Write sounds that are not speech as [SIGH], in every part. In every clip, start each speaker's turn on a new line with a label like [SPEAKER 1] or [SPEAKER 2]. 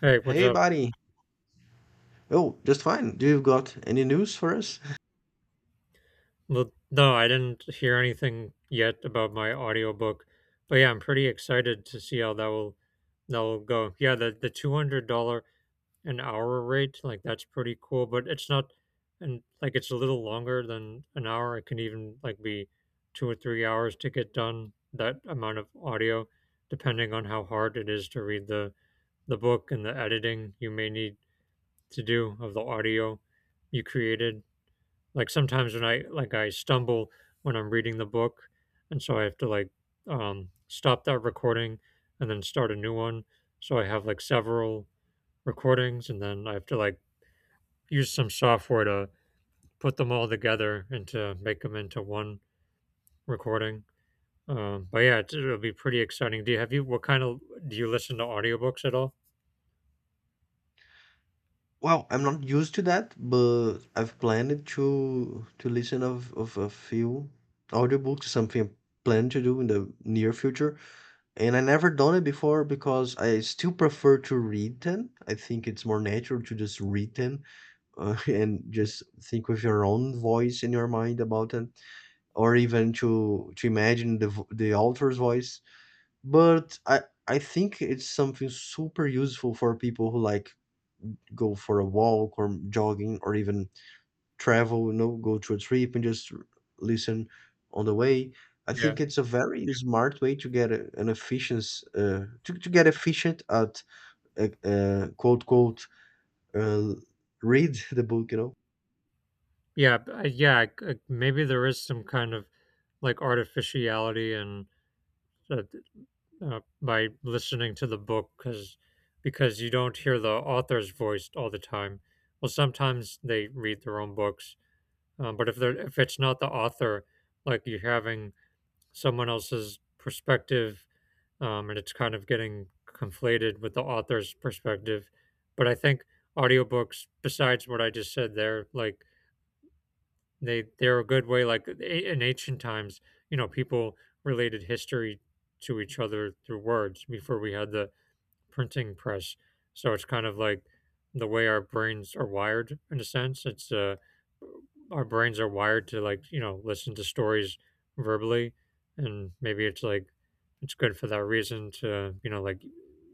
[SPEAKER 1] Hey, what's
[SPEAKER 2] Hey,
[SPEAKER 1] up?
[SPEAKER 2] buddy. Oh, just fine. Do you got any news for us?
[SPEAKER 1] Well, no, I didn't hear anything yet about my audiobook, but yeah, I'm pretty excited to see how that will go. Yeah, the $200 an hour rate, like that's pretty cool, but it's not and like it's a little longer than an hour. It can even like be 2 or 3 hours to get done that amount of audio, depending on how hard it is to read the book and the editing you may need to do of the audio you created. Like sometimes when I stumble when I'm reading the book, and so I have to like stop that recording and then start a new one. So I have like several recordings, and then I have to like use some software to put them all together and to make them into one recording. But yeah, it'll be pretty exciting. Do you have you what kind of do you listen to audiobooks at all?
[SPEAKER 2] Well, I'm not used to that, but I've planned to listen of a few audiobooks, something I plan to do in the near future. And I never done it before because I still prefer to read them. I think it's more natural to just read them [LAUGHS] and
[SPEAKER 1] Mm.
[SPEAKER 2] just think with your own voice in your mind about them, or even to imagine the the author's voice, but I think it's something super useful for people who like go for a walk or jogging or even travel, you know, go to a trip and just listen on the way. I
[SPEAKER 1] Yeah,
[SPEAKER 2] think it's a very smart way to get a, an efficiency, to get efficient at quote quote uh, read [LAUGHS] the book.
[SPEAKER 1] yeah, yeah. Maybe there is some kind of like artificiality and uh, by listening to the book because you don't hear the author's voice all the time. Well, sometimes they read their own books, but if it's not the author, like you're having someone else's perspective, and it's kind of getting conflated with the author's perspective. But I think audiobooks, besides what I just said there, like they're a good way. Like in ancient times, people related history to each other through words before we had the printing press. So it's kind of like the way our brains are wired in a sense. It's our brains are wired to like listen to stories verbally, and maybe it's like it's good for that reason to like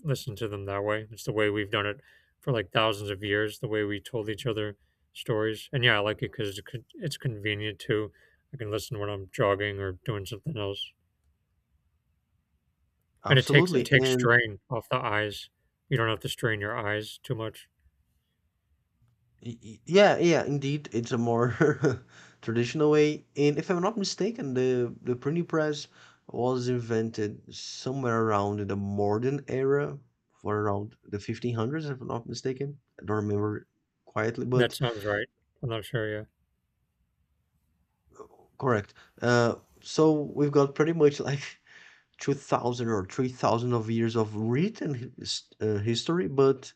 [SPEAKER 1] listen to them that way. It's the way we've done it for like thousands of years. The way we told each other stories, and yeah, I like it because it's convenient too. I can listen when I'm jogging or doing something else. And it takes it
[SPEAKER 2] Absolutely.
[SPEAKER 1] takes
[SPEAKER 2] And
[SPEAKER 1] strain off the eyes. You don't have to strain your eyes too much.
[SPEAKER 2] Yeah, yeah, indeed, it's a more [LAUGHS] traditional way. And if I'm not mistaken, the printing press was invented somewhere around the modern era, for around the 1500s, if I'm not mistaken. I don't remember quietly,
[SPEAKER 1] That
[SPEAKER 2] but
[SPEAKER 1] sounds right. I'm not sure, yeah.
[SPEAKER 2] correct. Uh, so we've got pretty much [LAUGHS] like 2000 or 3000 of years of written history, but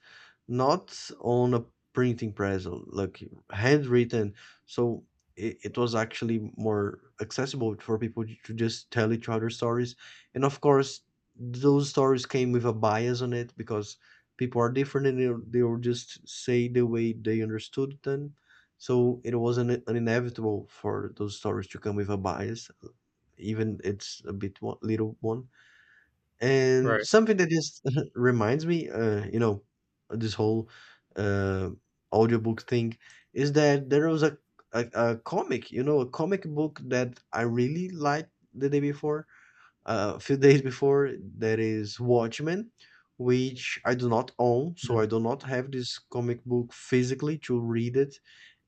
[SPEAKER 2] not on a printing press, like handwritten. So it was actually more accessible for people to just tell each other stories, and of course those stories came with a bias on it because people are different and they'll just say the way they understood them. So it was an inevitable for those stories to come with a bias, even it's a bit one, little one. And
[SPEAKER 1] Right.
[SPEAKER 2] something that just [LAUGHS] reminds me, you know, this whole uh, audiobook thing is that there was a comic, you know, a comic book that I really liked the day before, a few days before. There is Watchmen, which I do not own, so
[SPEAKER 1] Mm.
[SPEAKER 2] I do not have this comic book physically to read it.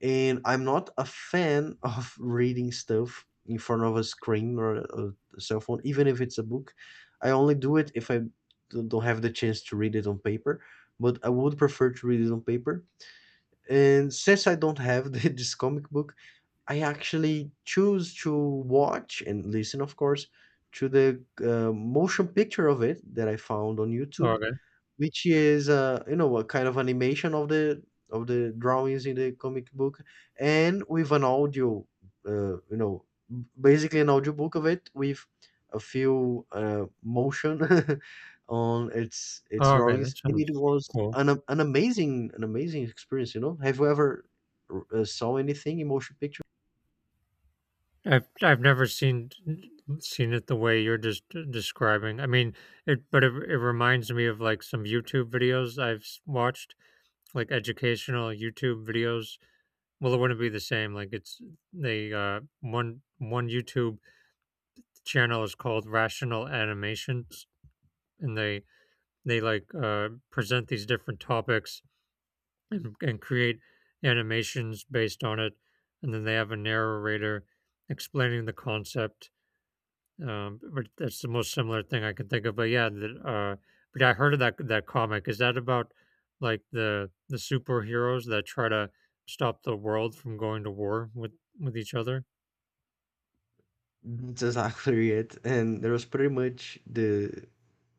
[SPEAKER 2] And I'm not a fan [LAUGHS] of reading stuff in front of a screen or a cell phone, even if it's a book. I only do it if I don't have the chance to read it on paper, but I would prefer to read it on paper. And since I don't have [LAUGHS] the, this comic book, I actually choose to watch and listen, of course, to the motion picture of it that I found on
[SPEAKER 1] Oh,
[SPEAKER 2] YouTube,
[SPEAKER 1] okay.
[SPEAKER 2] which is, you know, a kind of animation of the drawings in the comic book, and with an audio, you know, basically an audio book of it with a few motion [LAUGHS] on its
[SPEAKER 1] Oh, okay, that
[SPEAKER 2] drawings. And
[SPEAKER 1] sounds
[SPEAKER 2] it was
[SPEAKER 1] cool.
[SPEAKER 2] an an amazing, an amazing experience. You know, have you ever saw anything in motion picture?
[SPEAKER 1] I've never seen it the way you're just describing. I mean, it but it reminds me of, like, some YouTube videos I've s watched, like, educational YouTube videos. Well, it wouldn't be the same, like, one YouTube channel is called Rational Animations, and they present these different topics and create animations based on it, and then they have a narrator explaining the concept. But that's the most similar thing I can think of. But yeah, I heard of that comic. Is that about like the superheroes that try to stop the world from going to war with each other?
[SPEAKER 2] That's exactly it. And there was pretty much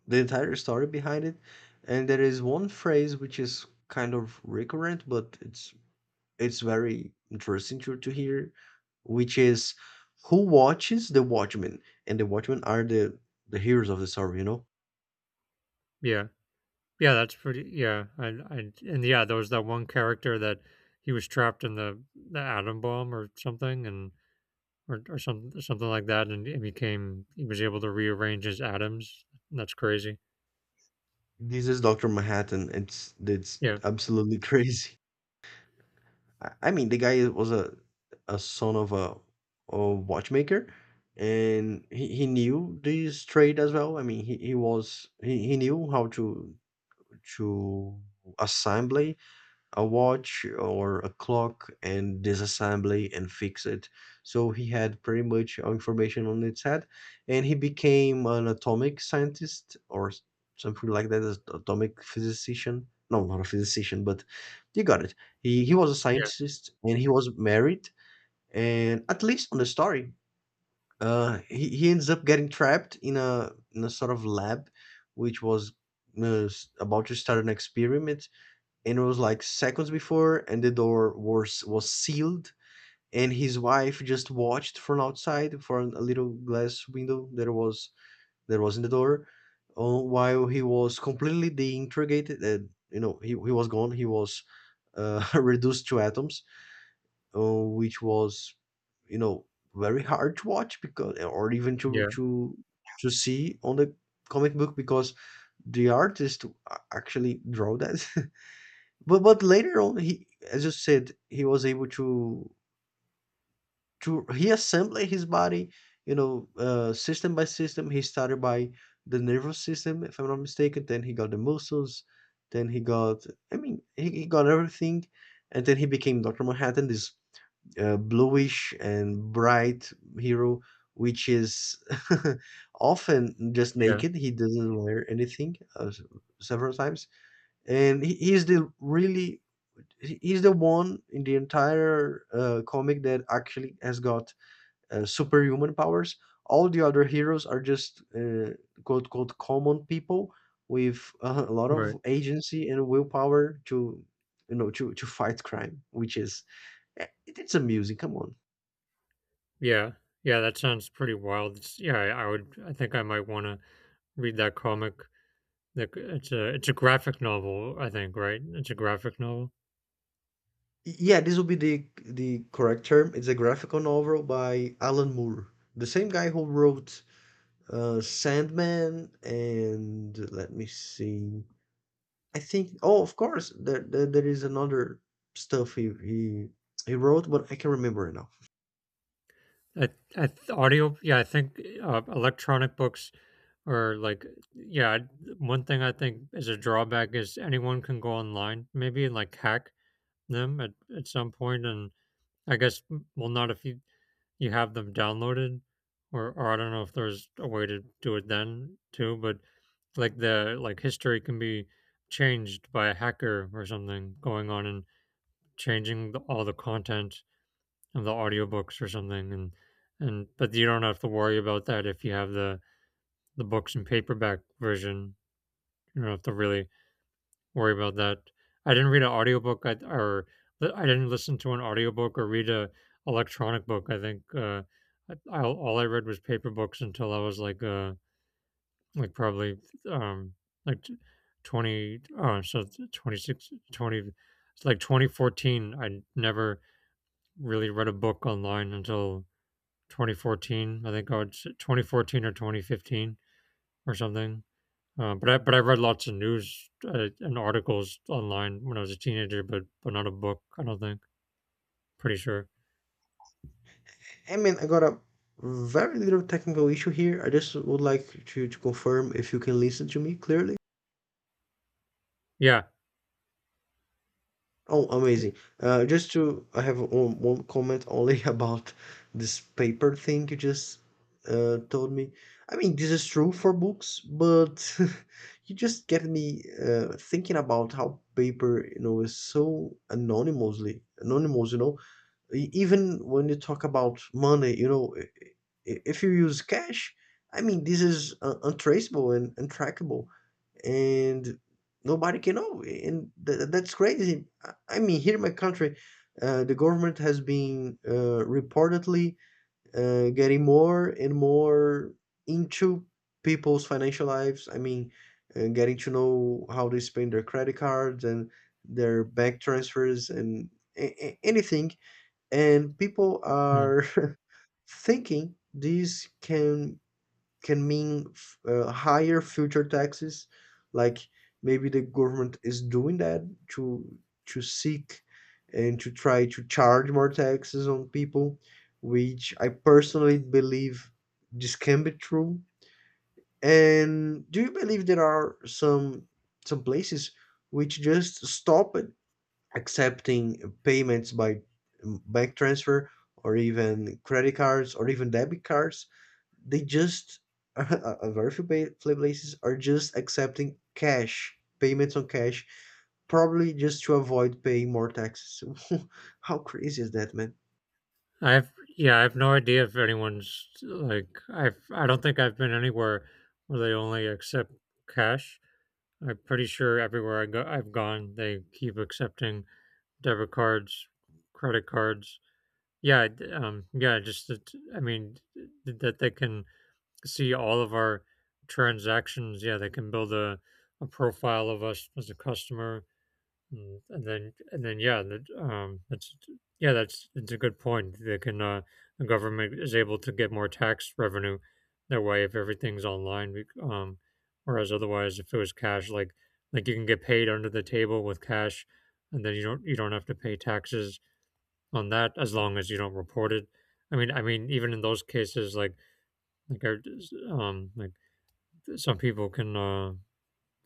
[SPEAKER 2] the entire story behind it. And there is one phrase which is kind of recurrent, but it's very interesting to hear, which is who watches the Watchmen? And the Watchmen are the heroes of the story, you know?
[SPEAKER 1] Yeah. Yeah, that's pretty. Yeah, and yeah, there was that one character that he was trapped in the atom bomb or something, and or something like that, and it became he was able to rearrange his atoms. That's crazy.
[SPEAKER 2] This is Dr. Manhattan. It's
[SPEAKER 1] Yeah,
[SPEAKER 2] absolutely [LAUGHS] crazy. I mean, the guy was a son of a watchmaker, and he knew this trade as well. I mean, he was he knew how to assemble a watch or a clock and disassemble and fix it. So he had pretty much all information on its head, and he became an atomic scientist or something like that, as atomic physicist. No, not a physicist, but you got it. He was a
[SPEAKER 1] yeah,
[SPEAKER 2] scientist and he was married, and at least on the story, he ends up getting trapped in a sort of lab, which was, about to start an experiment, and it was like seconds before and the door was sealed, and his wife just watched from outside from a little glass window that was in the door, while he was completely deintegrated. And you know he was gone, he was, [LAUGHS] reduced to atoms, uh, which was, you know, very hard to watch. Because or even
[SPEAKER 1] yeah,
[SPEAKER 2] to see on the comic book, because the artist actually draw that. [LAUGHS] But later on, he, as you said, he was able to reassemble his body, you know, system by system. He started by the nervous system, if I'm not mistaken. Then he got the muscles. Then he got, I mean, he got everything, and then he became Doctor Manhattan, this bluish and bright hero, which is [LAUGHS] often just
[SPEAKER 1] yeah.
[SPEAKER 2] naked. He doesn't wear anything, several times, and he, he's the really he's the one in the entire comic that actually has got superhuman powers. All the other heroes are just quote quote common people with a lot of
[SPEAKER 1] Right.
[SPEAKER 2] agency and willpower to, you know, to fight crime, which is, eh, it's amusing. Come on,
[SPEAKER 1] Yeah, yeah. That sounds pretty wild. It's, yeah, I would. I think I might want to read that comic. Like it's a graphic novel. I think right. It's a graphic novel.
[SPEAKER 2] yeah, this will be the correct term. It's a graphical novel by Alan Moore, the same guy who wrote Sandman, and let me see. I think, oh, of course, there there is another stuff he wrote, but I can't remember it now.
[SPEAKER 1] I, I audio. Yeah, I think electronic books are like yeah. One thing I think is a drawback is anyone can go online, maybe and like hack them at some point and I guess well, not if you have them downloaded, or I don't know if there's a way to do it then too. But like the like history can be changed by a hacker or something going on and changing all the content of the audiobooks or something, and but you don't have to worry about that if you have the books in paperback version. You don't have to really worry about that. I didn't read an audiobook or I didn't listen to an audiobook or read a electronic book. I think all I read was paper books until I was like probably um, like 20 oh, so 2620, it's like 2014. I never really read a book online until 2014. I think I would 2014 or 2015 or something. But I read lots of news and articles online when I was a teenager, but not a book. I don't think. Pretty sure.
[SPEAKER 2] I mean, I got a very little technical issue here. I just would like to confirm if you can listen to me clearly.
[SPEAKER 1] Yeah.
[SPEAKER 2] Oh,
[SPEAKER 1] Y-
[SPEAKER 2] amazing. Just to, I have one, one comment only [LAUGHS] about this paper thing you just told me. I mean, this is true for books, but [LAUGHS] you just get me thinking about how paper, you know, is so anonymously, anonymous, you know. Even when you talk about money, you know, if you use cash, I mean, this is untraceable and untrackable. And nobody can know, and that's crazy. I mean, here in my country, the government has been reportedly getting more and more into people's financial lives. I mean, getting to know how they spend their credit cards and their bank transfers and anything, and people
[SPEAKER 1] mm.
[SPEAKER 2] are [LAUGHS] thinking this can can mean, higher future taxes, like maybe the government is doing that to to seek and to try to charge more taxes on people, which I personally believe this can be true. And do you believe there are some places which just stop accepting payments by, bank transfer or even credit cards or even debit cards? They just [LAUGHS] a very few play places are just accepting cash payments on cash, probably just to avoid paying more taxes. [LAUGHS] How crazy is that, man?
[SPEAKER 1] I have. Yeah, I have no idea if anyone's like. I've. I don't think I've been anywhere where they only accept cash. I'm pretty sure everywhere I go, I've gone, they keep accepting debit cards, credit cards. Yeah. Yeah. Just that. I mean, that they can see all of our transactions. Yeah, they can build a profile of us as a customer, and then yeah, that's, yeah, that's it's a good point. They can . The government is able to get more tax revenue that way if everything's online. Whereas otherwise, if it was cash, like you can get paid under the table with cash, and then you don't have to pay taxes on that as long as you don't report it. I mean, even in those cases, like our like some people can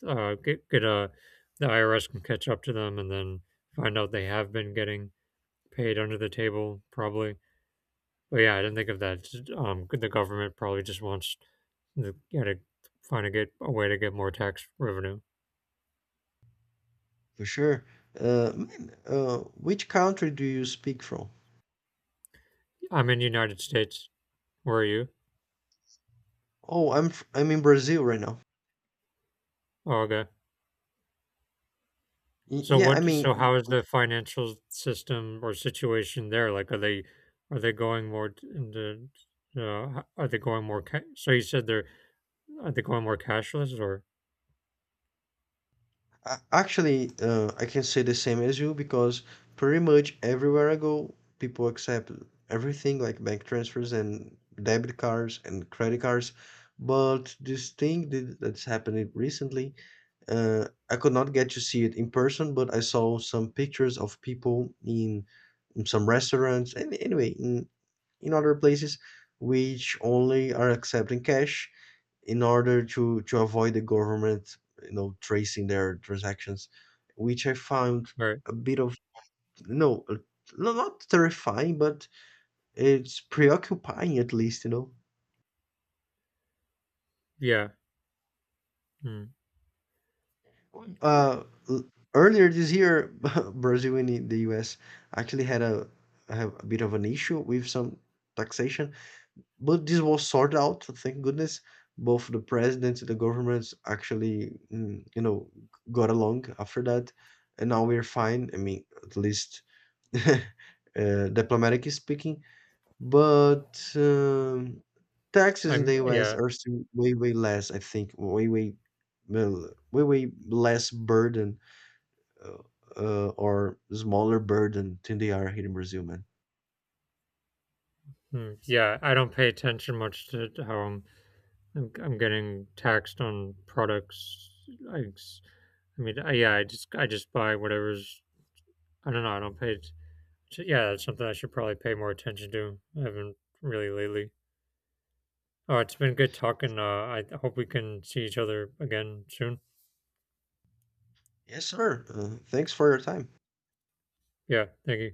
[SPEAKER 1] get a the IRS can catch up to them and then find out they have been getting paid under the table probably. But yeah, I didn't think of that. Just, the government probably just wants yeah, to find a get a way to get more tax revenue.
[SPEAKER 2] For sure. Man, which country do you speak from?
[SPEAKER 1] I'm in the United States. Where are you?
[SPEAKER 2] Oh, I'm I'm in Brazil right now.
[SPEAKER 1] Oh, okay. So
[SPEAKER 2] Yeah, I
[SPEAKER 1] what? So
[SPEAKER 2] mean
[SPEAKER 1] how is the financial system or situation there? Like, are they going more into are they going more? So you said they're are they going more cashless or?
[SPEAKER 2] Actually, I can say the same as you because pretty much everywhere I go, people accept everything like bank transfers and debit cards and credit cards. But this thing that's happening recently, I could not get to see it in person, but I saw some pictures of people in some restaurants and anyway in other places which only are accepting cash in order to avoid the government, you know, tracing their transactions, which I found
[SPEAKER 1] Right.
[SPEAKER 2] a bit of, you know, no, not terrifying, but it's preoccupying at least, you know.
[SPEAKER 1] Yeah. Mm.
[SPEAKER 2] Uh, l- Earlier this year, [LAUGHS] Brazil and the U.S. actually had a have a bit of an issue with some taxation. But this was sorted out, thank goodness. Both the presidents and the governments actually, mm, you know, got along after that, and now we're fine. I mean, at least [LAUGHS] diplomatically speaking. But taxes in
[SPEAKER 1] I'm
[SPEAKER 2] the US
[SPEAKER 1] yeah.
[SPEAKER 2] are still way, way less, I think, way, way, well, way, way less burden, uh, or smaller burden than they are here in Brazil, man.
[SPEAKER 1] Mm. Yeah, I don't pay attention much to how I'm getting taxed on products. I, s- I mean, yeah, I just buy whatever's, I don't know, I don't pay yeah, that's something I should probably pay more attention to. I haven't really lately. Oh, it's been good talking. I hope we can see each other again soon.
[SPEAKER 2] Yes, sir. Thanks for your time.
[SPEAKER 1] Yeah, thank you.